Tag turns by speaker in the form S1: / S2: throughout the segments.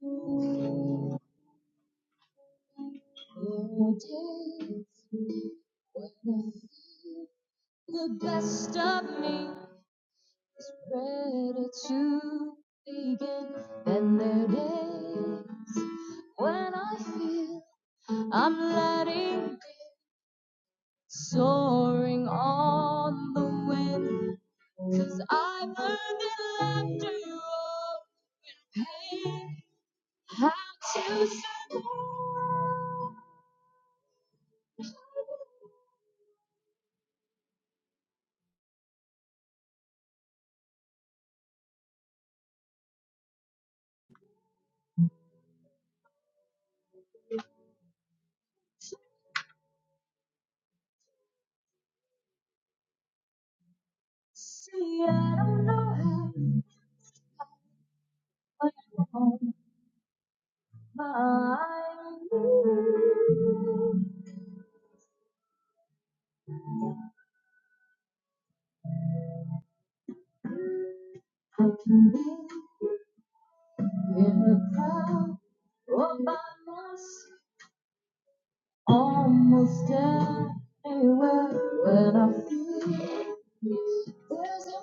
S1: There are days when I feel the best of me is ready to begin, and there are days when I feel I'm letting go, soaring on the wind. i I've learned in laughter you owe in pain how to survive. See, I don't know how, but I'm on my knees. I can be in the crowd or by myself, almost anywhere when I feel there's a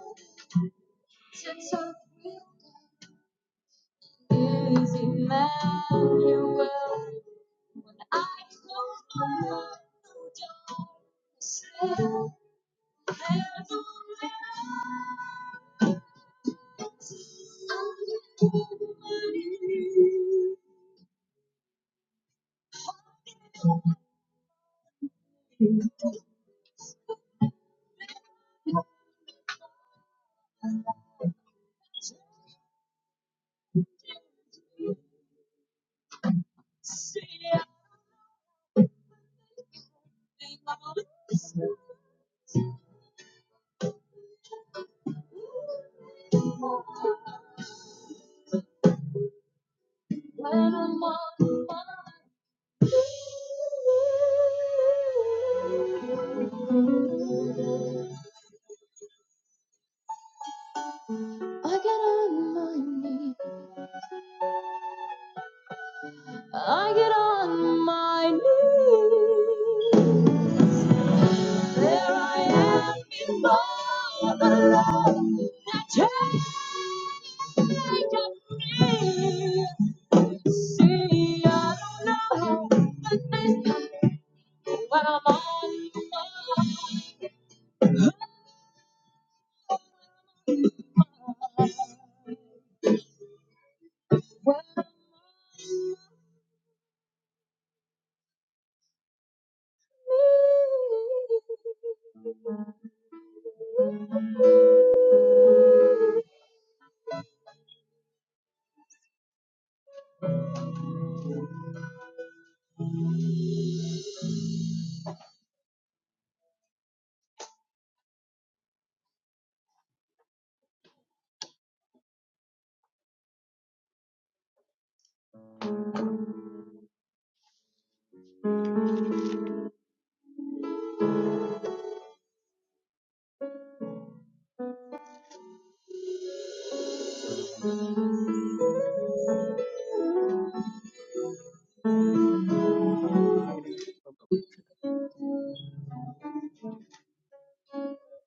S1: sense of real is Emmanuel. When I close my eyes, no darkness When I'm on my I get on my knees. I get on my knees. There I am before the Lord. Now take up me. See, I don't know how, but this time when I'm on my knees.
S2: Hallelujah.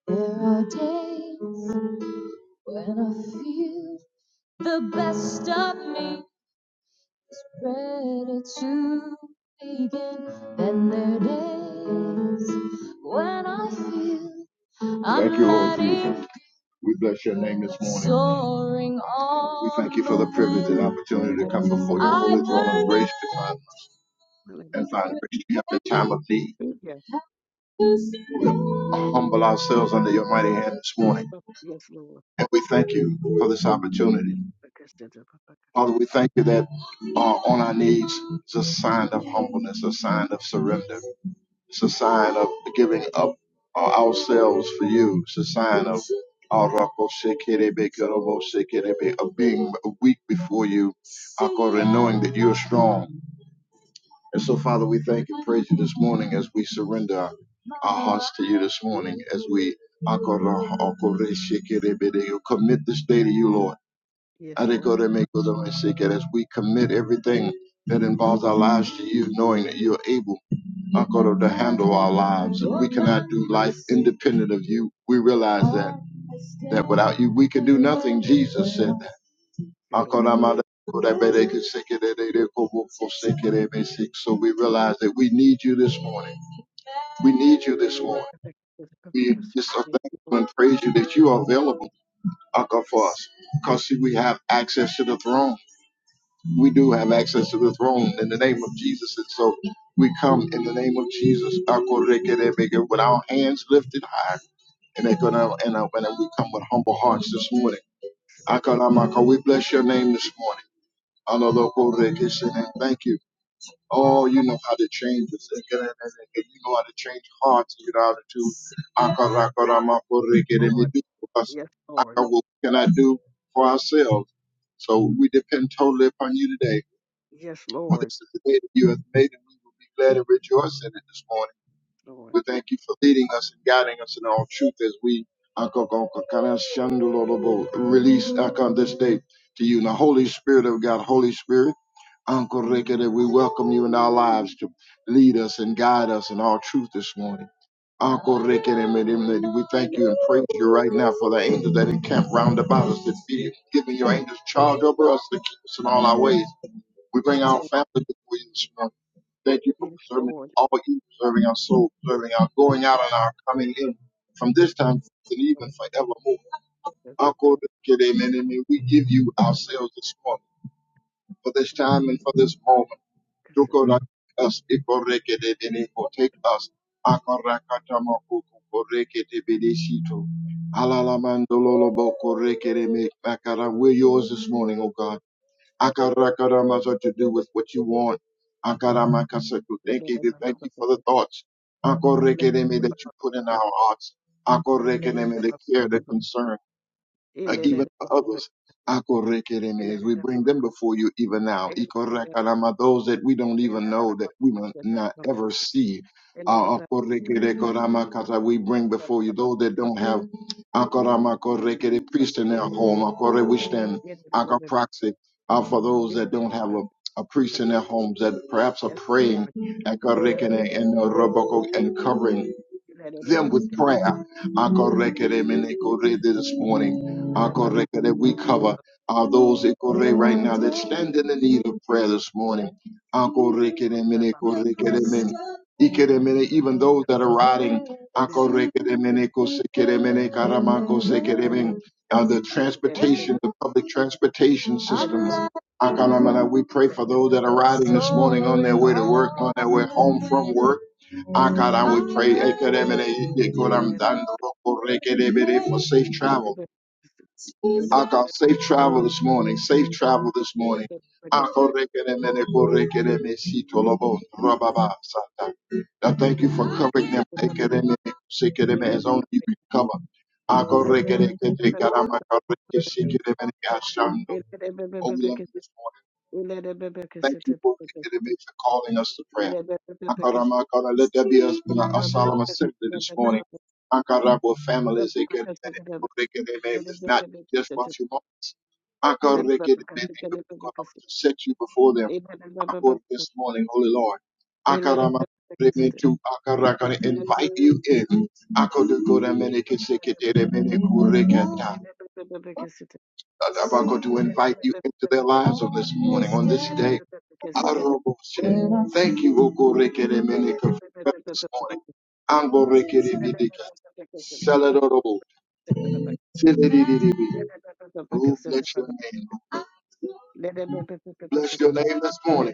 S1: There are days when I feel the best of me is ready to begin, and there are days when I feel I'm Thank you, Lord Jesus. We bless your name this morning. we thank you for the privilege and opportunity to
S2: Hallelujah.
S1: come before
S2: Yes,
S1: your holy throne of grace to find
S2: hallelujah.
S1: and find grace to help in time of need.
S2: Hallelujah.
S1: We'll humble ourselves under your mighty hand this morning.
S2: Yes,
S1: And we thank you for this opportunity. Father, we thank you that uh, on our knees is a sign of humbleness, a sign of surrender. It's a sign of giving up uh, ourselves for you. It's a sign of uh, of being weak before you, uh, and knowing that you are strong. And so, Father, we thank and praise you this morning as we surrender our our hearts to you this morning, as we akora- akore shekerebede, you commit this day to you, Lord. Adekore mekodome seke, As we commit everything that involves our lives to you, knowing that you're able akora, to handle our lives. And we cannot do life independent of you. We realize that that without you we can do nothing, Jesus said. Akonamada kodabede kusekedede kobo kosekedebe sik. So we realize that we need you this morning. We need you this morning. We just so thank you and praise you that you are available Aka, for us. Because see, we have access to the throne. We do have access to the throne in the name of Jesus. And so we come in the name of Jesus Akorekedebe, with our hands lifted high. And, they and, uh, and we come with humble hearts this morning. Akonamaka, we bless your name this morning. Alolokorekeshene. Thank you. Oh, you know how to change us. You know how to change hearts. You know how to Because
S2: Lord.
S1: What can I do for ourselves? So we depend totally upon you today.
S2: Yes, Lord. Yes,
S1: For
S2: Lord.
S1: this is the day that you have made, and we will be glad and rejoice in it this morning. We thank you for leading us and guiding us in all truth as we uh, go- go- go- kind of shundo lo lo bo, release uh, come this day to you. Now, Holy Spirit of God, Holy Spirit, Uncle Ricky, that we welcome you in our lives to lead us and guide us in all truth this morning. Uncle Ricky and him, that we
S2: Yes, Lord. Yes, Lord. Yes, Lord. Yes,
S1: thank you and praise
S2: Lord.
S1: you right now for the angels that encamp round about us, that be giving your angels charge over us to keep us in all our ways. We
S2: Yes,
S1: bring our
S2: Lord.
S1: family before you this morning. Thank you for
S2: Yes,
S1: preserving
S2: Lord.
S1: all you, preserving our soul, preserving our going out and our coming in from this
S2: But
S1: time forth and even forevermore.
S2: the
S1: Our God,
S2: children
S1: good amen, amen. We give you
S2: and
S1: ourselves this morning for this time and for this moment. Do God like us, ikorekede or take us. Akarakatama koko korekede Makara, We're yours this morning, O God. Akarakaramasa to do with what you want. Akaramakasako.
S2: the
S1: Thank you. to Thank you for the thoughts. Akorekedeme that you put in our hearts. Akorekedeme the care, the concern and even for others. Akorekeremes, We bring them before you even now.
S2: Yes,
S1: Ikorekarama, Those that we don't
S2: Yes,
S1: even know that we will not ever see. Uh,
S2: Lord.
S1: akorekerekoramakata, We bring before you those that don't have akoramakorekere, priest in their home. Akore, We stand
S2: Yes,
S1: akaproxy uh, for those that don't have a, a priest in their homes that perhaps are praying akorekere, and uh, roboko, and covering them with prayer. Akorekeremenekore This morning, Akorekere, we cover uh, those Ikore right now that stand in the need of prayer this morning. Akorekeremenekorekeremene, Ikeremene, Even those that are riding Akorekeremenekosekeremenekaramankosekeremen, uh, the transportation, the public transportation systems. Akalamana, We pray for those that are riding this morning on their way to work, on their way home from work. Akara, we pray Ekeremene, Yekoram, Dandoro, Korekerebere, for safe travel. Akara, safe travel this morning, safe travel this morning.
S2: Yes,
S1: Akorekeremene, Korekereme, Sitolobo, Rababa,
S2: Thank
S1: Sata. I thank you for covering them Ekeremene, Sekereme, as only you can cover. Akorekerekete, Karama, Koreke, Sekeremene, Ashando. Oh, we love you this morning. Thank you for making for calling us to prayer. Akarama, Akara, let there be a, a solemn assembly this morning. Akara, for families, they can they can they name this not just for you. few Akara, they can they can to set you before them. Akara, this morning, Holy Lord. Akarama, they mean to Akara, gonna invite you in. Akara, go to Menikisiki, they mean I'm going to invite you into their lives on this morning, on this day.
S2: you.
S1: Thank you,
S2: Ele
S1: Okorekeremeneka, for this morning. Angorekerebidika. Saladoro. Sididididibi. Oh, bless your name. Bless your name this morning.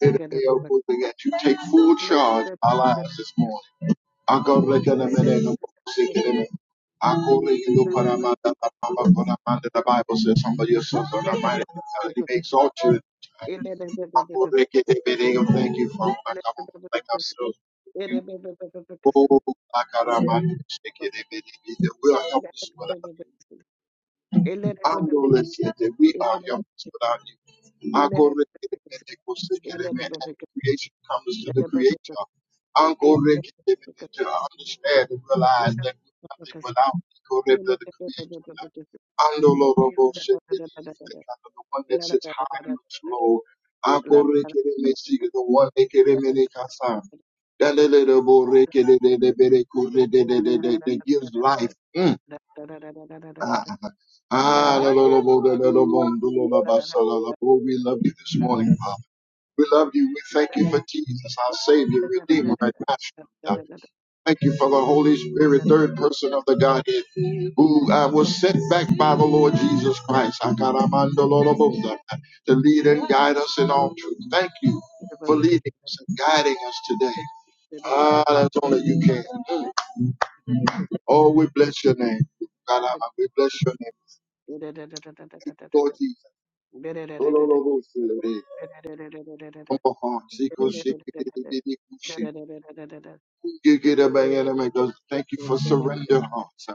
S1: May the day of good thing that you take full charge of our lives this morning. The Bible says somebody is so so mighty. He may exalt you. Akorekedebedeo. Thank you, Father. Come on, like ourselves. You- Oh, Akarama. Shekedebedebede. We are helpless without you. Andole siete. We are helpless without you. Akore kete And the creation comes to the creator. Akore kete kete To understand and realize that we're nothing without Akore the the creator. Andolo robo siete. The one that sits high and looks low. Akore kereme siete. The one that kereme kasa. Dalele that gives life. Mm. Ah, Ah, la,
S2: Because
S1: la, la, la la la la la, la, ba, sa, la, la, bo. We love you this morning, Father. We love you. We thank you for Jesus, our Savior, Redeemer, and Master. God. Thank you for the Holy Spirit, third person of the Godhead, who uh, was sent back by the Lord Jesus Christ Ah, ka, da, man, do, la, la, bo, da, da, to lead and guide us in all truth. Thank you for leading us and guiding us today. Ah, that's only you can. Oh, we bless your name. God, ah, we bless your name. Thank you, Lord Jesus. Come on, Zico, shake it, it, it, it, it, shit. get a bang and a man goes, Thank you for surrender hearts.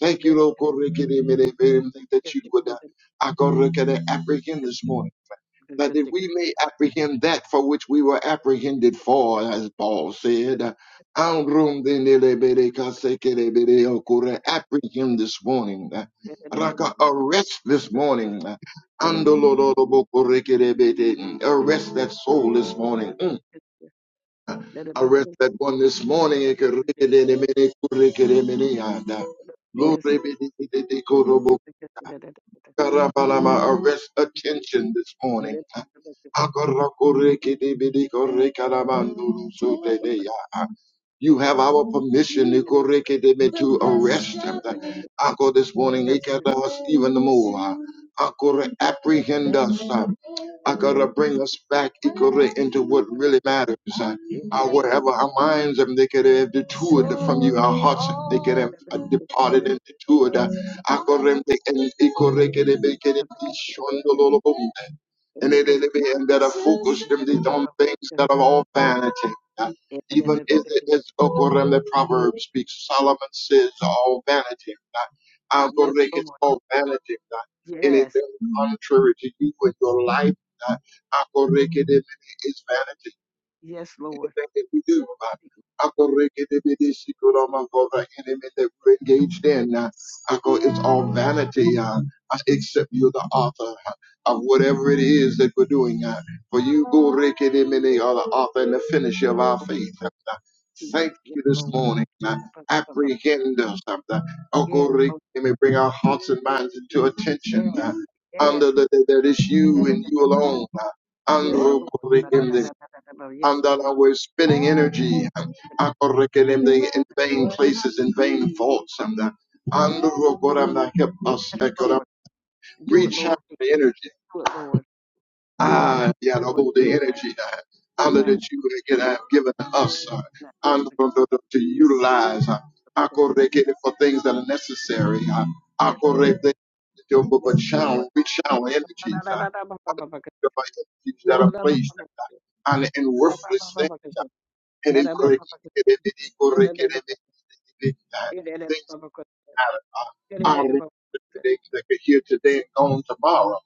S1: Thank you, Lord, God, Ricky, they made it very thing that you would uh, I go look apprehend this morning. That that we may apprehend that for which we were apprehended for, as Paul said. Uh, Ang
S2: Because
S1: room din nila, bere, kase, kere, bere, okura. Apprehend this morning. uh, Raka, arrest this morning. uh, Andolorobokorikirebete. Arrest that soul this morning. I read that one this morning. uh, Lord, read it, it, it, it, it, could, uh, Arrest attention this morning. You
S2: Yes,
S1: have our permission ikorekedebe, to arrest them. Ako this morning, ikadawas even more. Akore apprehend us. I to bring us back ikore into what really matters. Uh, uh, wherever our minds um, they could have detoured from you, our hearts they could have uh, departed and detoured. Uh, Akore, and ikore kedebe, kedebe, shondololobum and it enemy and that are focused them they on things that are all vanity. Even is it is Okorem the proverb speaks, Solomon says all vanity. Agorek is
S2: Lord.
S1: all vanity.
S2: Yes.
S1: Anything contrary to you in your life, Agorek is vanity
S2: Yes, Lord.
S1: anything that we do. uh,
S2: Thank you, Lord.
S1: Akorekedebedeshikoramako, The enemy that we're
S2: Yes,
S1: engaged in, uh, Ako, it's all vanity, uh, uh, except you're the author uh, of whatever it is that we're doing. uh, For you, Go Ricky, the many are the author and the finisher of our
S2: Lord
S1: faith. uh, Thank
S2: Jesus. Yes,
S1: you this
S2: Lord.
S1: morning. uh, Apprehend us. uh,
S2: Yes, oh,
S1: Akorekedeme, Bring our hearts and minds into attention.
S2: yes.
S1: uh, Under
S2: Yes.
S1: the, that that is you and you alone.
S2: Yes, Lord.
S1: uh,
S2: Yes,
S1: and that I was spending energy um,
S2: Lord. Yes,
S1: akorekelende, in vain places, in vain thoughts, and that and oh God, I'm not help us ekoram,
S2: Lord. Do it,
S1: recharge
S2: Lord.
S1: the energy.
S2: Do it, Lord. Do it, Lord.
S1: Ah, yeah, the
S2: Lord,
S1: hold
S2: do
S1: the
S2: it right
S1: energy
S2: now.
S1: that
S2: Do
S1: and
S2: it
S1: that
S2: right
S1: you would have given us uh,
S2: now.
S1: and for to utilize uh, akorekele, for things that are necessary. Uh,
S2: Yes, Lord. Yes, Lord.
S1: akorekele,
S2: Yes,
S1: but
S2: Lord.
S1: channel, rechannel energies.
S2: Yes,
S1: Uh, and by energies that are placed uh, and in worthless things and it uh, things that are are today that are here today and gone tomorrow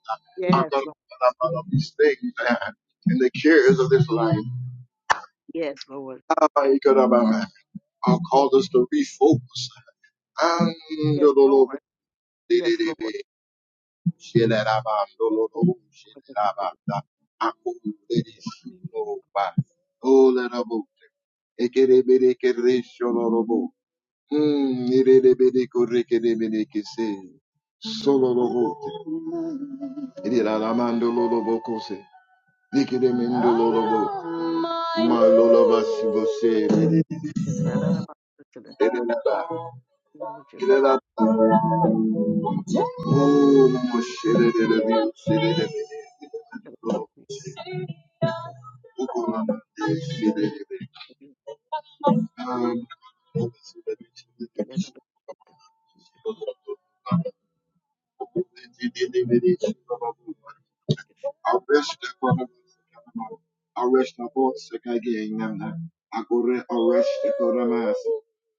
S1: I'm going
S2: Lord.
S1: to come out of these things uh, and the cares of this life
S2: Yes, Lord.
S1: i it could, uh, uh, cause us to refocus.
S2: Yes,
S1: oh,
S2: Lord.
S1: oh, let Mm, irerebedekorekereberekese. Sololobote. Iriramandololobokose. Nikeremendololobo. Malolobasibose. Erereba. Irereba. Oh, mosherererebe. Ukolamandeshererebe. Um, sererebi,
S2: Ila
S1: sererebi.
S2: baba baba baba
S1: Sererebi, sererebi. arrest upon arrest upon Sakayanana, Agore arrest upon us,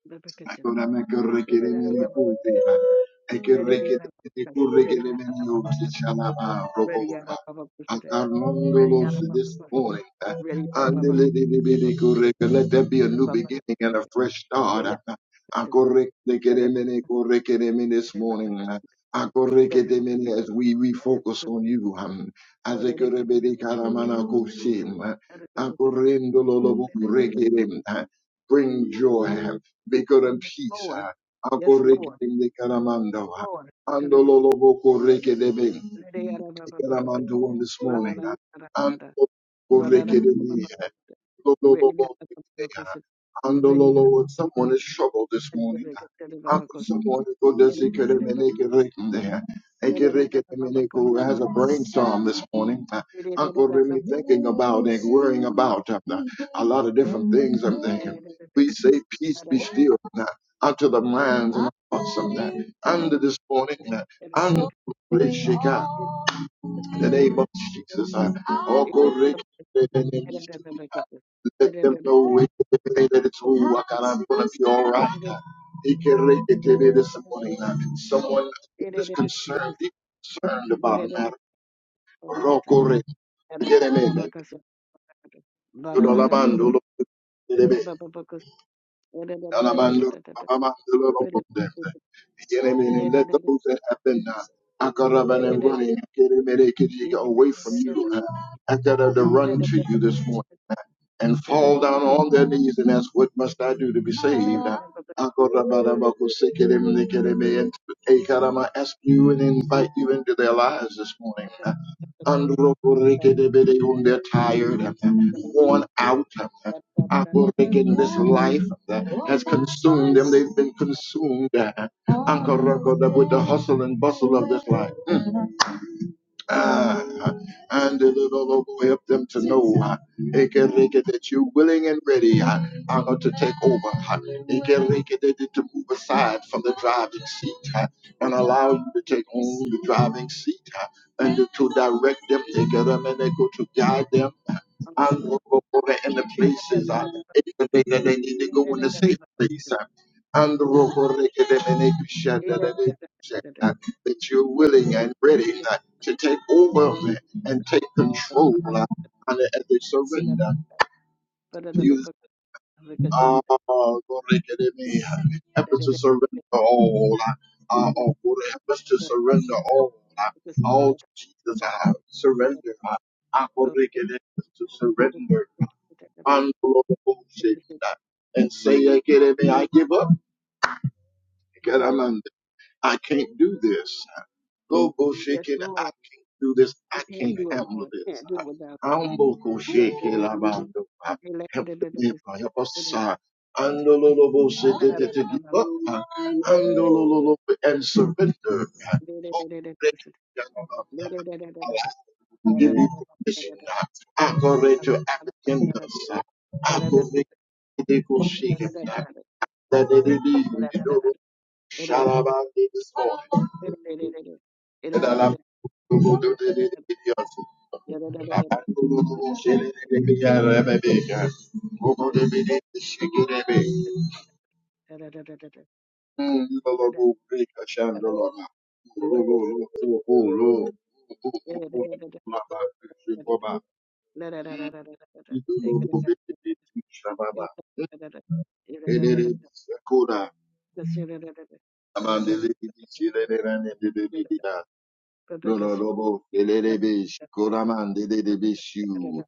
S2: baba kasim.
S1: Akora
S2: Ila
S1: makarrekere
S2: baba
S1: mene
S2: baba baba.
S1: kuti.
S2: Ready
S1: Ekerrekere
S2: baba
S1: mene
S2: kasim.
S1: kurrekere
S2: Ready
S1: mene
S2: baba
S1: oti
S2: baba.
S1: shalaba
S2: Ready
S1: robova.
S2: baba baba kushite. Ready
S1: Akarnondolos
S2: baba baba
S1: this
S2: kushite.
S1: morning.
S2: Ready baba baba baba
S1: Let there be a new
S2: baba
S1: beginning and a
S2: kushite.
S1: fresh
S2: Ila
S1: start.
S2: ila kushite.
S1: Akorrekere
S2: Ila baba
S1: mene kurrekere mene This
S2: ila baba
S1: morning,
S2: kasim. Ila baba baba kasim. Ila baba ila ila ila ila baba. Ila
S1: Akorrekere
S2: baba
S1: mene as we
S2: kasim. Ila
S1: refocus
S2: baba.
S1: on you, um, as a kurebele karamana koshim, akorendololobo kurrekere, uh, bring joy, Vigor and
S2: Yes,
S1: peace.
S2: Lord.
S1: ah.
S2: Yes,
S1: Akoreke
S2: Lord.
S1: de Karamando. ah.
S2: Lord. Ila baba
S1: Andololobo koreke de be.
S2: ila baba baba.
S1: Karamando on this
S2: Ra ra
S1: morning.
S2: ra
S1: ah.
S2: ra ra ra ra.
S1: Andololobo
S2: Ra ra ra
S1: koreke de
S2: ra
S1: me,
S2: ra
S1: ah.
S2: ra.
S1: Lololobo
S2: really, got the
S1: koreke de.
S2: Babacus,
S1: And the
S2: really, got a
S1: Lord, someone is troubled this
S2: really,
S1: morning.
S2: ready got a
S1: And
S2: Babacus,
S1: someone who go to see could it make right there. And get it, get has a brainstorm this morning. Uh,
S2: ready got
S1: Uncle Remy thinking about and worrying about uh, a lot of different things. I'm thinking. We say, Peace be still uh, unto the minds and hearts of that. Under this morning, uh, under the shake out. In the name of Jesus, I Uncle Rick. Let them know everything that it's who I got. I'm gonna be all right. He can rate it to me this morning. Someone is concerned, deeply concerned about a matter. Rocco Re. Get him in. You know, Lamando, look, get him
S2: a
S1: in.
S2: Babacus,
S1: Alamando, Amando, look, look, them. Get him in and let those that have been uh, I got up and running. Get him in. They get away from you. uh, I got up to run to you this morning. and fall down on their knees and ask, What must I do to be saved? And I'm ask you and invite you into their lives this morning. Androkorekedebede, When they're tired, worn out, Akoreken, this life has consumed them. They've been consumed Ankarokoda, with the hustle and bustle of this life. Ah, ah. and the Lord help them to know uh, Ekereke, that you're willing and ready uh, uh, to take over. uh, Ekereke, that- that to move aside from the driving seat uh, and allow you to take on the driving seat uh, and to direct them, Ekereme, and to guide them and we'll go over in the places uh, even they that they need to go in the safe place uh, and the rock or they can then they can shut that they can shut, uh, that you're willing and ready uh, to take over uh, and take control uh, and as they surrender to you uh, Lord, they can then they,
S2: Oh,
S1: may, uh, help us to surrender all uh, uh, oh, Lord, help us to surrender all uh, all to Jesus uh, surrender uh, uh, Lord, they can help us to surrender I'm and bullshit that and say I get it, I give up because I'm under. I can't do this. Go bullshit,
S2: Yes,
S1: it. I
S2: Lord.
S1: can't do this.
S2: We
S1: I
S2: can't
S1: can't
S2: do it,
S1: handle
S2: Lord. We
S1: this.
S2: can't do it without
S1: I'm
S2: you.
S1: Humble
S2: We
S1: bullshit,
S2: can't do it without
S1: Labando.
S2: you.
S1: Help me, help us. uh, And the little bullshit to give up uh, and the little and surrender. uh, oh, Giving position, accurate to applicants, accurate the shake, that they did in the door, Shalaban this morning, and I love to go to the
S2: Thank
S1: I'm I'm I'm to go to the video. I love to go to the video. I love to go to the the videos. Koda, Amandele, Shilene, Dedida, Lono, Lobo, Elebesh, Koraman, Dedebishu,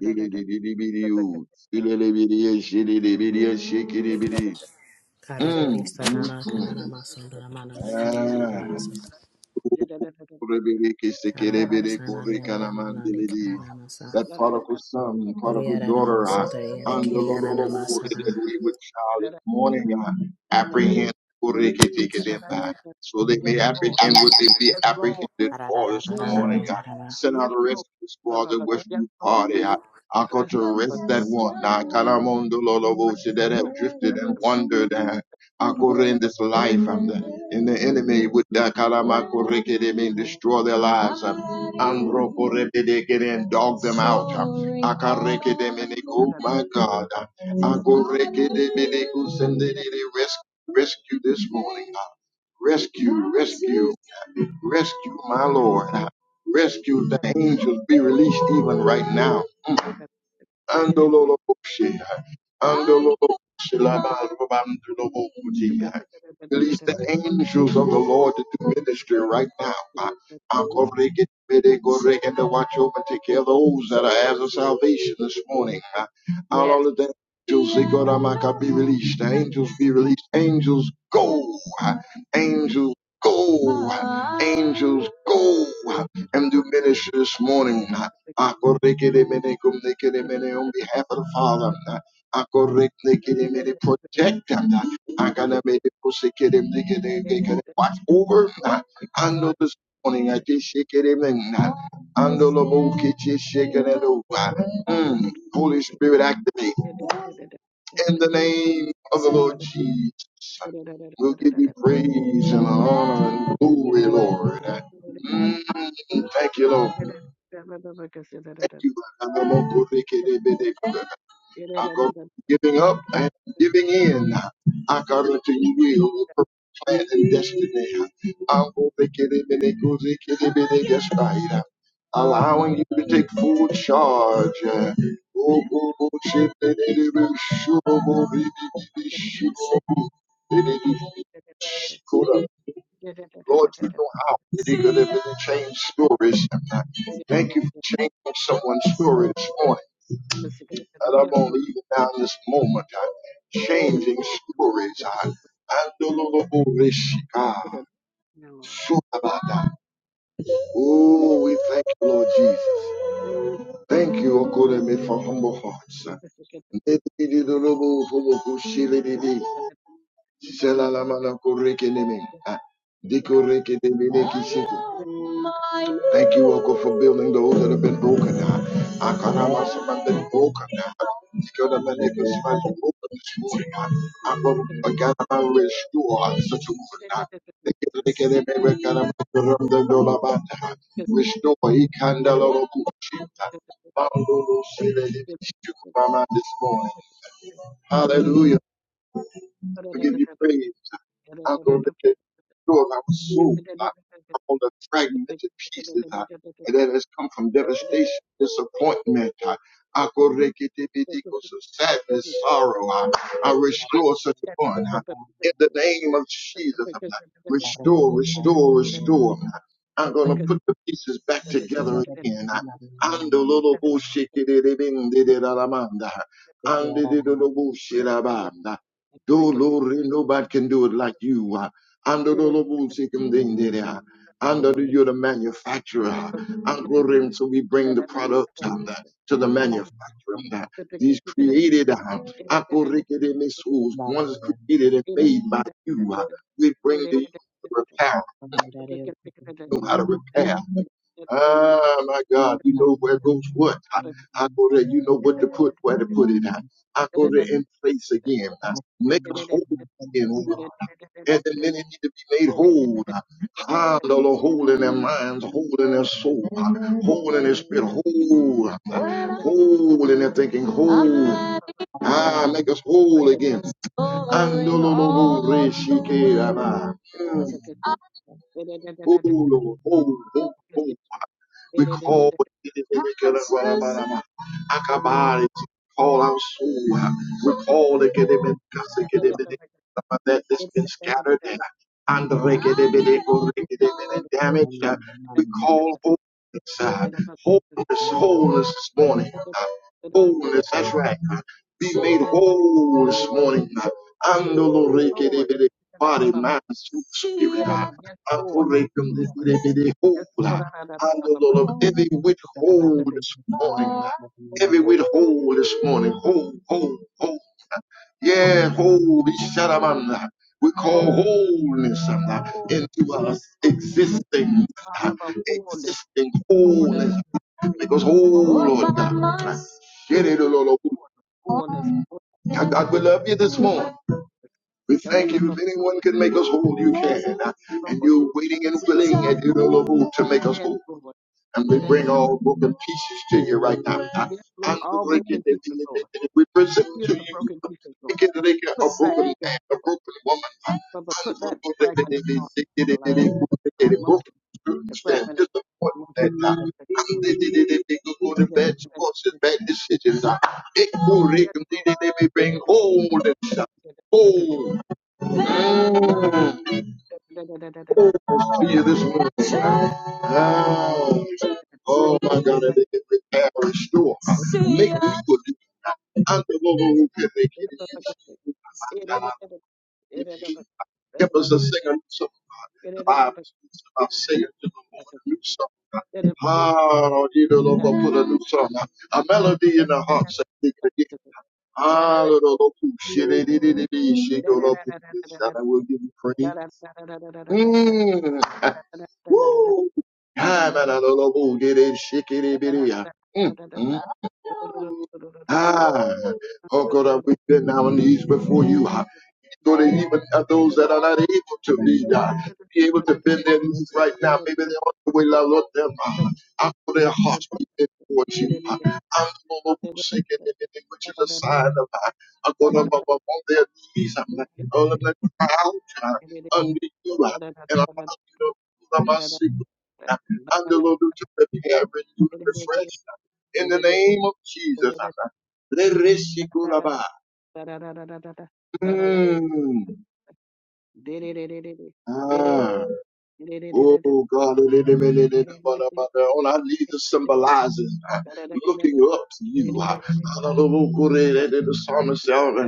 S1: Ilidibidiu, Ilelebidi, Shilibidi, Shikidibidi.
S3: Karabibi
S1: Mm, mm,
S3: Sanana
S1: mm.
S3: Kanana Sandana Manana Kariarana
S1: ah
S3: Maso Karana
S2: you.
S3: Sanariana Manani Karana Masa
S1: That
S2: Yes,
S1: prodigal son,
S2: Lord.
S1: prodigal
S3: Doriarana
S1: daughter,
S3: Maso
S1: uh,
S3: Doriara
S1: and the Lord,
S3: Kiriarana
S1: Lord, Lord, that
S3: Masara
S1: wayward child this morning, uh, apprehend so they
S2: Yes,
S1: may apprehend what they be
S2: Lord.
S1: apprehended for
S2: Yes,
S1: this
S2: Lord.
S1: morning. Uh,
S3: Kararara
S1: send out
S2: Yes,
S1: a rescue
S2: Lord. No,
S1: squad,
S2: no,
S1: the
S2: no. Yes,
S1: rescue
S2: Lord.
S1: party. Uh, I got
S2: Rest.
S1: to arrest
S2: Rest
S1: that one, uh, Kalamondo Lolobo, that have
S2: soul.
S1: drifted
S2: Rest
S1: and
S2: the mind.
S1: wandered. uh, Akure in this life, um, the, and the enemy would uh, karamakurekere mean destroy their lives, um, androkorebedekere and dog them out. Um, akarekere meaning, oh my God, um, akorekedebedeku sendedede, res- rescue rescue this morning, uh, rescue, rescue, uh, rescue my Lord, uh, rescue the angels, be released even right now. Andololoboshi.
S2: Yes, Lord.
S1: Andololoboshi labarobandolobokuji.
S2: Yes.
S1: Release the angels of the Lord to do ministry right now. Akorekedebedegorege, To watch over and take care of those that are as of salvation this morning.
S2: Yes.
S1: all of the angels Zikoramaka, be released. The angels be released. Angels go. Angels go. Angels go and do ministry this morning. I correct it Akorekedemene kumnekedemene On behalf of the Father, I
S2: Yes,
S1: Akorekedemene,
S2: Lord.
S1: protect them.
S2: Yes,
S1: I'm
S2: Lord.
S1: gonna make it Akanamene
S2: Yes,
S1: kusekedemnekedemene, Watch over Ando this morning. I just shake it in. the whole kitchen, shaking it over. Mm. Holy Spirit, activate in the name of the Lord Jesus. We'll give you praise and honor and glory, Lord. Mm. Thank you, Lord. Thank you. I go giving up and giving in. I got to you will, plan, and destiny. I'm Yes, right. Allowing you to take full charge. Oh, oh, oh, shit, baby, baby, sure, oh, baby, baby, sure, baby, baby, sure. Lord, you know how they could have really changed stories. Thank you for changing someone's story this morning. And I'm on even now in this moment, I'm changing
S2: Lord.
S1: stories. I,
S2: Yes,
S1: Andololobodeshika,
S2: Lord.
S1: Surabada. oh, we thank you, Lord Jesus. Thank you, O Okodeme, for humble hearts. Selalamanako rekeleme. Ah, dikorekelebelekisete. Thank you, Uncle, for building those that have been broken. Ah, Akarama, somebody been broken. Ah, Dikodamaneko, somebody broken this morning. I Ah, Ako, Agarama, restore ah, such a one. Ah, Dikorekelebe, Akarama, Kurumdagolabata. Ah, Restore Ikandalorokuchi. Ah, Mandolo, Sele, Libishi, Kurama, this morning. Hallelujah. We give you
S2: Thank
S1: praise. I'm gonna restore my soul. I'm gonna fragment the fragmented pieces God, and that has come from devastation, disappointment. I'm gonna take it to the depths of sadness, sorrow. I I restore such a bond in the name of Jesus. I'm gonna restore, restore, restore. God. I'm gonna put the pieces back together again. God. Ando lolo bullshit, di- di- di- bing, di- di-
S2: you.
S1: da- da- man, da. Andi- di- di- di- bullshit, da- ba. Do
S2: Thank
S1: Lord, nobody can do it like you. uh, Under the Lord, seek him then, then, uh, under the, you're the manufacturer. uh, And glory, and so we bring the product um, uh, to the manufacturer. um, uh, These created uh, uh, glory, get in these souls, ones created and made by you. uh, We bring to you to repair, know how to repair. Ah, my God, you know where goes
S4: Thank
S1: what. uh, uh, glory, You know what to put, where to put it. uh, I go to in place again. uh, Make us whole again, and the many need to be made whole. Ah, the Lord, whole in their minds, whole in their soul, whole in their spirit, whole,
S2: you.
S1: whole in their thinking,
S2: Lord. Yes, Lord.
S1: whole.
S2: Yes,
S1: Ah, make us whole again. And the Lord,
S2: Lord. Yes, Lord. Yes, Lord,
S1: whole, whole, whole, whole, whole, we call what it is we can Rabarama. Akabari call our soul. We call the Gedemini Kasikidibini that that's been scattered and under Gedemini or Gedemini damaged. Uh, We call wholeness, uh, wholeness, wholeness this morning. Uh, wholeness, that's right. Uh, be made whole this morning. Uh, under Gedemini body, mind, soul, spirit. Uh, Operate them, whole handle, Lord, of every withhold this morning. Every
S4: you.
S1: withhold this morning. Hold, hold, hold. Yeah,
S2: wholeness,
S1: hold.
S2: wholeness,
S1: Shadaman. We call
S2: wholeness,
S1: wholeness uh, into us
S2: wholeness, wholeness,
S1: existing, uh,
S2: Father, fullness,
S1: existing
S2: fullness
S1: wholeness.
S2: of the Spirit.
S1: Because, oh
S2: Fullness,
S1: Lord God, get it,
S2: fullness,
S1: Lord.
S2: fullness, fullness,
S1: God, God,
S2: fullness,
S1: we love you this morning.
S2: fullness.
S1: We
S2: Let it
S1: thank
S2: be
S1: you. If anyone can make us whole, you can. And
S2: Lord.
S1: you're waiting and
S2: We
S1: willing
S2: will
S1: and
S2: get
S1: you, know, Lord, to make us
S2: yes,
S1: whole
S2: Lord.
S1: and we
S2: Let it be
S1: bring all broken pieces to you right now. God.
S2: yes, Lord.
S1: And we
S2: All
S1: bring it
S2: broken
S1: in-
S2: pieces,
S1: in- in-
S2: Lord.
S1: in- we present
S2: Heal
S1: to
S2: the
S1: you we
S2: broken pieces, Lord.
S1: get like a
S2: Put it back
S1: broken
S2: together,
S1: man, a
S2: Lord.
S1: broken woman, God.
S2: But, but
S1: And we
S2: put
S1: go to
S2: that
S1: the- the-
S2: fragmented
S1: the- the-
S2: part
S1: the- the-
S2: of our
S1: the-
S2: lives,
S1: the- the-
S2: our
S1: the broken
S2: emotions, the
S1: students and
S2: fragmented
S1: disappointment,
S2: emotions of
S1: God.
S2: the
S1: And
S2: of
S1: they
S2: the-
S1: they- they- they- they go go
S2: and
S1: to
S2: then- and then-
S1: bad sports and
S2: and then-
S1: bad decisions.
S2: and then-
S1: God. It will
S2: Lord,
S1: wreck
S2: yes,
S1: them. They- they-
S2: Lord.
S1: they may bring wholeness, God. wholeness
S2: Because Thank
S1: to you this morning. Ouch. Oh my God, and they can repair and restore. Make me good. And the Lord who can make it. Help us to sing a new song. The Bible speaks about singing to the Lord a new song. Ah, you know, Lord, we'll put a new song. A melody in the heart. So we can get- Ah, Lord, Lord, Lord, Lord, shit, it, it, it, it, it, shit, Lord, Lord, Lord, Lord, Lord, Lord, we'll give you praise. Mm. Woo! Ah, la, la, la, la, boo, diddy, it, bitty, ah. Mm, mm. Ah, oh God, we bend our knees before you. Lord, that even uh, those that are not able to be, uh, be able to bend their knees right now, maybe they're on the way, Lord, Lord, them
S2: you.
S1: uh, out of their hearts be towards you. Uh, I'm the Lord who's sick, and anything which is a sign of uh, I'm going to uh, on their knees. I'm not going to cry out uh, under you uh, and allow you to pull out my secret. Uh, I'm the Lord who to prepare, renew, and refresh. uh, in the name of Jesus. i Uh, Mm. Ah. Oh God, on our knees is symbolizing uh, looking up to you. uh, hallelujah. The psalmist said, uh,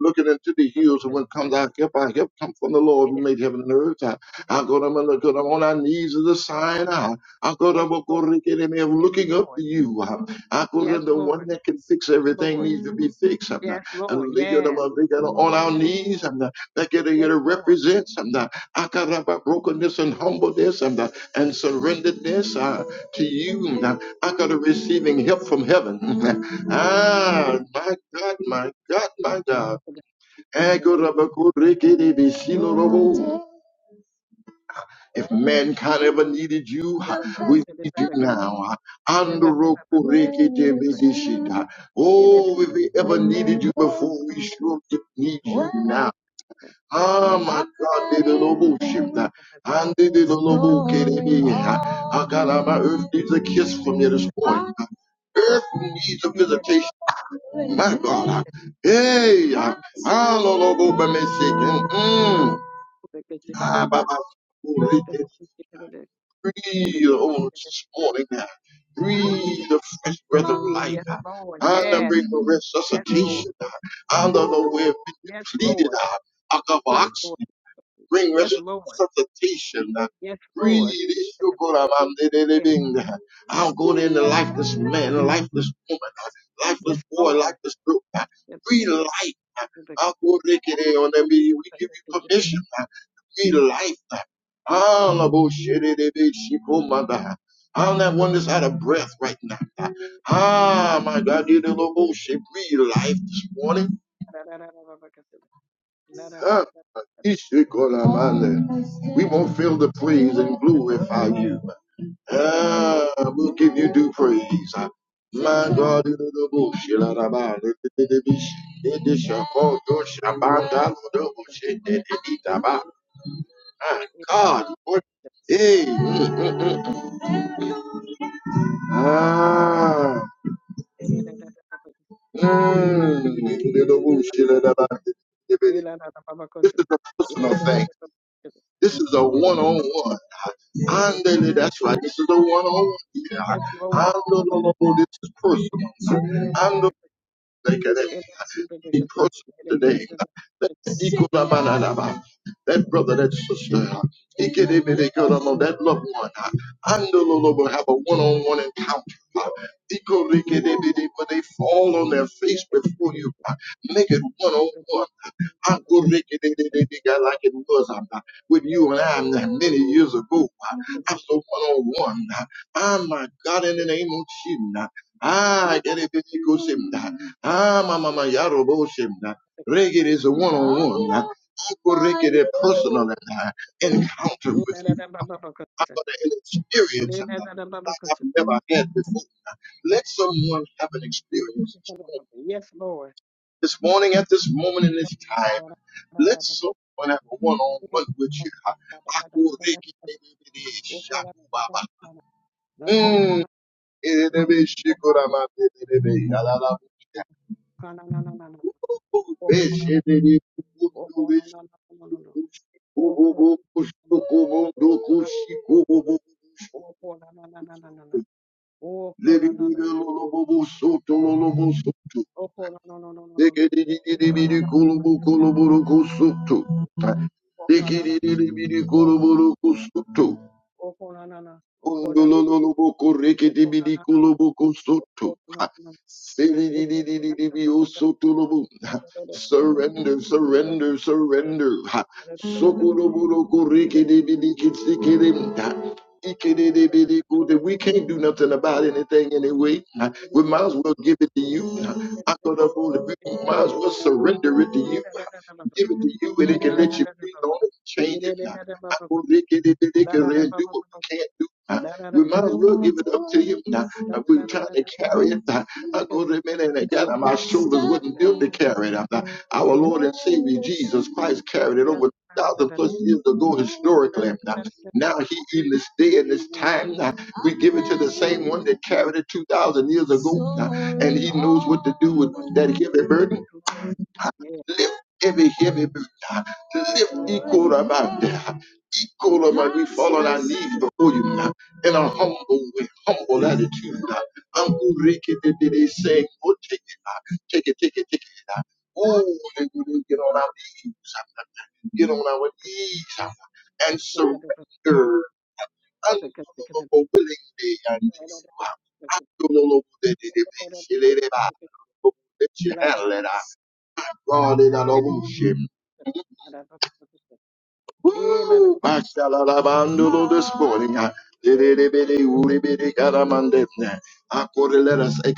S1: looking into the hills, and when comes our help, our help come from the Lord who made heaven and earth. uh, I go to my- look at on our knees is a sign. uh, I go to
S2: Yes,
S1: my- go
S2: Lord.
S1: to the of
S2: Yes, Lord. Yes,
S1: looking up
S2: Lord.
S1: to you. uh, I go to
S2: Yes,
S1: the
S2: Lord.
S1: one that can fix
S2: Yes,
S1: everything
S2: Lord.
S1: needs to be fixed. uh,
S2: Yes, Lord.
S1: And they get
S2: Yes.
S1: uh, on our
S2: Yes,
S1: knees. and uh, That get
S2: yes,
S1: to
S2: Lord.
S1: represent uh, Akaraba brokenness and humbleness and, uh, and surrenderedness uh, to you. Uh, Akara receiving help from heaven. ah, my God, my God, my
S2: Yes,
S1: God.
S2: Lord. Yes. Yes,
S1: Akaraba kurekere besilorobo. If mankind ever needed you, uh, we need you now. Andro kurekete bedeshita. Oh, if we ever needed you before, we sure need you now. Ah, my God, did the noble shift that. And did the noble get it in. Ah, God, ah, my earth needs a kiss from you this morning. Ah, Earth needs a visitation. My God, ah. hey, ah, ah, no, no, go by me shaking. Mm. Ah, Baba, oh, breathe on this morning now. Breathe the fresh breath of life. ah. And I bring the resuscitation. ah. And the Lord, we have been depleted.
S2: Lord. Yes, Lord.
S1: ah bring
S2: Yes, Lord.
S1: resuscitation.
S2: Yes,
S1: Breathe,
S2: Lord. Yes, Lord. Yes,
S1: Ishukuramandididibing. I'll go in the lifeless man, lifeless woman, lifeless
S2: yes,
S1: boy,
S2: Lord.
S1: lifeless girl.
S2: Yes, yes,
S1: Breathe
S2: yes,
S1: life.
S2: yes, yes, yes,
S1: I'll go rikide on them. We give
S2: yes, yes,
S1: you
S2: yes, yes.
S1: permission. Breathe life. All bullshit is. I'm that one that's out of breath right now. Ah, my God, you little bullshit. Breathe life this morning. Ah.
S2: Yes, yes,
S1: Ishikolamale. We
S2: Lord.
S1: won't fail the praise and glorify you. Ah, we'll give you due praise. My God, you the bullshit, la, la, la, la, la, la, la, la, la, shako, do, shaba, da, God, what? Hey, mm, mm, mm. ah, mm, you the bullshit, la, la, la, this is a personal thing. This is a one-on-one.
S2: Yes, Lord.
S1: Andele, that's right.
S2: Yes,
S1: This is a one
S2: Lord.
S1: on one here.
S2: Yes, Lord.
S1: Andololobo, This is personal. Andele, They can be personal today. That Ikolabalalaba. That brother, that sister, Ikedebedekolomo, that loved one, Andololobo, have a one on one encounter. Ikolekedebede, Where they fall on their face before you. Make it one on one. Uncle Ricky, they, they, they, they got like it was um, uh, with you and I um, uh, many years ago. uh, I'm so one on one. Ah, my God, in the name of Jesus. Ah, get it, get it, go, Shem, uh, Ah, my mama, Yarobo Shimna. Reggae is a one on one. I go reggae a personal uh, encounter with you. I'm going to experience um, uh, like I've never had before. Let someone have an experience
S2: Yes, Lord.
S1: this morning at this moment
S2: Yes,
S1: in this time. Let
S2: Lord.
S1: someone have a one-on-one with you. Akurekinebeneshakumaba. Mm. Erebeshikuramatelebe. Yalalabuya. Ooh, beshenebekumundubeshikushikububukushikumundukushikububu. Lebidilolobobosotololobosoto. Dekedidididibidikolobokolobokosoto.
S2: Oh, Oh,
S1: Dekidididibidikolobokosoto.
S2: oh no, no, no! Oh, no, no, no, no, no!
S1: Surrender, surrender, surrender. Ha. We can't do nothing about anything anyway. We might as well give it to you. I'm Ha. Akodobole, We might as well surrender it to you. Give it to you and it can let you breathe on it, and change it. I Ha. Akorekedibidi kere. Do what we can't do. Uh, we might as well give it up to him now. If we're trying to carry it, uh, I go to the and again, uh, my shoulders would not built to
S2: Oh,
S1: carry it. Uh, uh,
S2: no, no,
S1: our
S2: no!
S1: Lord and Savior Jesus Christ
S2: Yes,
S1: carried
S2: Lord.
S1: it
S2: yes,
S1: over thousand plus years ago historically. Uh, uh, now he in this day and this time, uh, we give it to the same one that carried it two thousand years ago, uh, and he knows what to do with that heavy burden.
S2: Lord. Yes,
S1: Lift every heavy burden.
S2: yes,
S1: Lift equal about that. Equal about we fall on our knees
S2: the-
S1: before you now in a humble way, humble attitude. now. Uncle Ricky did did say, oh, take it, take it, take it, take it. now. Oh, and we didn't get on our knees, now. get on our knees, now,
S2: the- the- the-
S1: and
S2: the- the- the-
S1: surrender
S2: the- the- the-
S1: unbelievable willingly and you. now. Unbelievable that it
S2: the-
S1: is. Let you
S2: La- la- la-
S1: handle
S2: la-
S1: it. out.
S2: la-
S1: God, it out of
S2: yes,
S1: you.
S2: la- la- la- la- eh, la- la- la-
S1: Woo!
S2: yes,
S1: Mashalalabandulo This morning, I
S2: Lord.
S1: lelelebele, ulebele, karamandetne. I quote, let us eh,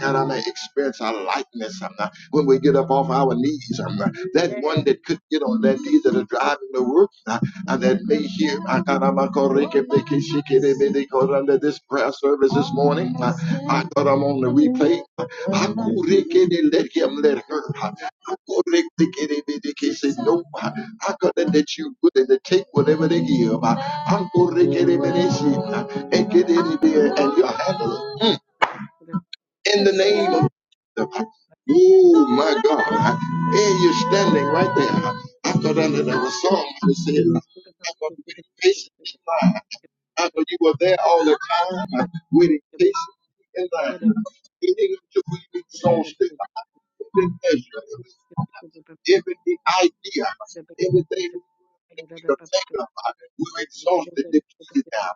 S1: experience our likeness um, uh, when we
S2: Yes,
S1: get
S2: la-
S1: up
S2: la-
S1: off
S2: la-
S1: our knees. um, uh, That one
S2: yes.
S1: that could get on their
S2: because-
S1: knees that are driving the work uh, and
S2: because-
S1: that may
S2: because-
S1: hear ah, karama, shikelebele,
S2: la-
S1: koranda,
S2: la- la- la- la-
S1: this prayer service this morning. uh,
S2: la- la-
S1: I thought I'm on the replay. uh, I koreke, let him, let
S2: Yes. la-
S1: her. uh,
S2: la- la- la- la- la- la- la- la- la- la- la-
S1: I koreke, kelebele, ke, say, No, ah, I could
S2: la-
S1: let
S2: la- la- la- la- la- la-
S1: that you good and they take
S2: la-
S1: whatever they give. Uncle Ricky Revelation and get any beer and your handle Mm. in the name of Jesus.
S2: la-
S1: Oh
S2: la-
S1: my God. Hey, you're standing right there. I thought I
S2: la-
S1: that there was somebody I said, I'm going to be patient. I know you were there all the time, uh, waiting patiently in line, eating until we be so stick every measure, every idea, everything that we could think of. uh, we were exhausted, depleted now.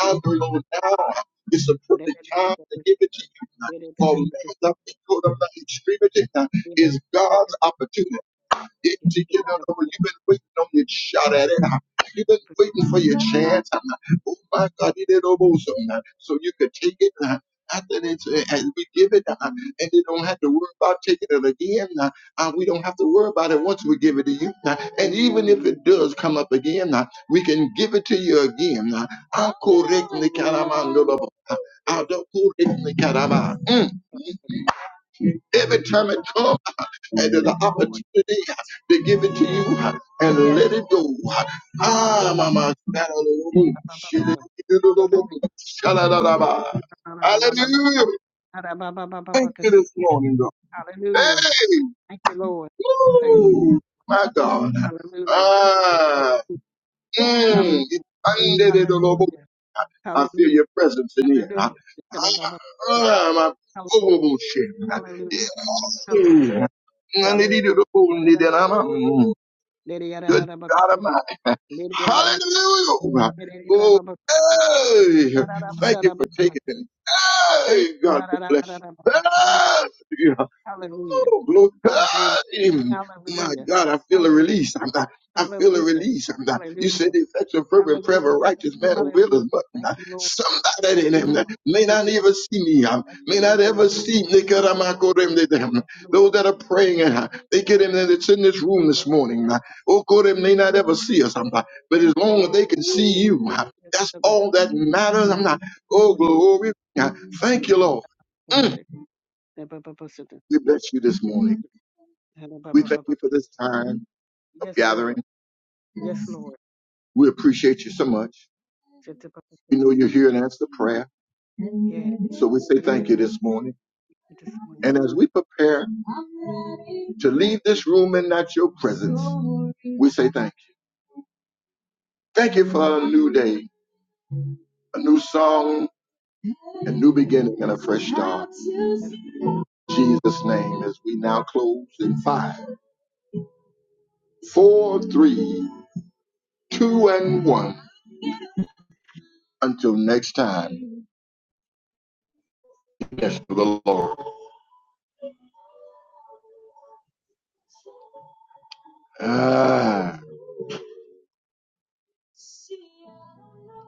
S1: I know Lord, now uh, it's a perfect time to give it to you. uh, For man, the people of the extremity uh, is God's opportunity. You get out of it. You've been waiting on your shot at it. You've been waiting for your chance. Oh my God, it is almost on. So you could take it. uh, After it's, uh, and we give it, uh, and they don't have to worry about taking it again. Uh, uh, we don't have to worry about it once we give it to you. Uh, and even if it does come up again, uh, we can give it to you again. Uh, I'll correct caramando. I'll do correct the Mm. Every time it comes and the
S2: Yes, Lord.
S1: opportunity to give it to
S2: Yeah.
S1: you uh, and
S2: Yes,
S1: let it
S2: Lord.
S1: go.
S2: Yes.
S1: Ah, mama. Hallelujah. Thank you this morning, God.
S2: Hallelujah.
S1: Hey,
S2: Thank you, Lord. Thank you.
S1: woo, my God.
S2: Hallelujah.
S1: Ah,
S2: Hallelujah.
S1: mm,
S2: Hallelujah.
S1: I feel
S2: Hallelujah.
S1: your presence in here. Ah,
S2: Hallelujah. Hallelujah.
S1: ah, my horrible
S2: Hallelujah.
S1: shit.
S2: Hallelujah.
S1: Yeah. Mm.
S2: Hallelujah. Hallelujah. Lady
S1: Good
S2: Adabaka.
S1: God Almighty.
S2: Lady Adabaka.
S1: Hallelujah.
S2: Lady
S1: Oh, hey. Thank you
S2: Adabaka.
S1: for taking it.
S2: Thank
S1: Hey,
S2: you.
S1: God
S2: Hallelujah.
S1: bless you. Hey. Oh, glory.
S2: Hallelujah.
S1: Um, My
S2: Hallelujah.
S1: God, I
S2: Hallelujah.
S1: feel a
S2: Hallelujah.
S1: release. I'm not, I feel a
S2: Hallelujah.
S1: release. I'm not, you said the effectual fervent prayer of a
S2: Hallelujah.
S1: righteous man will
S2: Hallelujah.
S1: but
S2: Thank
S1: not
S2: you, Lord.
S1: somebody that
S2: Thank
S1: in
S2: you,
S1: him
S2: Lord.
S1: that may
S2: Thank
S1: not
S2: you,
S1: even
S2: Lord.
S1: see me. um,
S2: Thank you,
S1: May not
S2: Lord Jesus.
S1: ever see
S2: Thank you, Lord.
S1: Nikaramakorem de them.
S2: Thank you,
S1: Those
S2: Lord.
S1: that are praying, uh, they
S2: Thank
S1: get
S2: you,
S1: in
S2: Lord.
S1: there,
S2: Thank
S1: it's
S2: you,
S1: in this room this
S2: Lord.
S1: morning. uh, Oh,
S2: Thank you,
S1: Korem may not ever see us. I'm not, but as
S2: Lord. Thank
S1: long as they can see
S2: you, Lord.
S1: you, uh, that's all that matters. I'm not, oh, glory. Uh, Thank you,
S2: Yes, you, Lord. Yes,
S1: Lord. Mm,
S2: Consider. Thank you, Lord. Consider.
S1: We bless you
S2: Thank
S1: this
S2: you, Lord.
S1: morning.
S2: Thank you, Lord.
S1: We
S2: Thank
S1: thank you
S2: you,
S1: for
S2: Lord.
S1: this time of
S2: Yes,
S1: gathering.
S2: Lord. Yes, Lord.
S1: We appreciate you so much.
S2: Thank you, Lord.
S1: We know
S2: Consider.
S1: you're here and answer prayer.
S2: Yeah.
S1: So we say thank you this morning.
S2: This one,
S1: And
S2: yeah.
S1: as we prepare to leave this room and not your presence, we say thank you. Thank you for a new day, a new song, a
S2: Yes,
S1: new
S2: Lord.
S1: beginning, and a fresh start. In Jesus' name, as we now close in five, four, three, two, and one. Until next time, yes, to the Lord. Ah. See, I don't know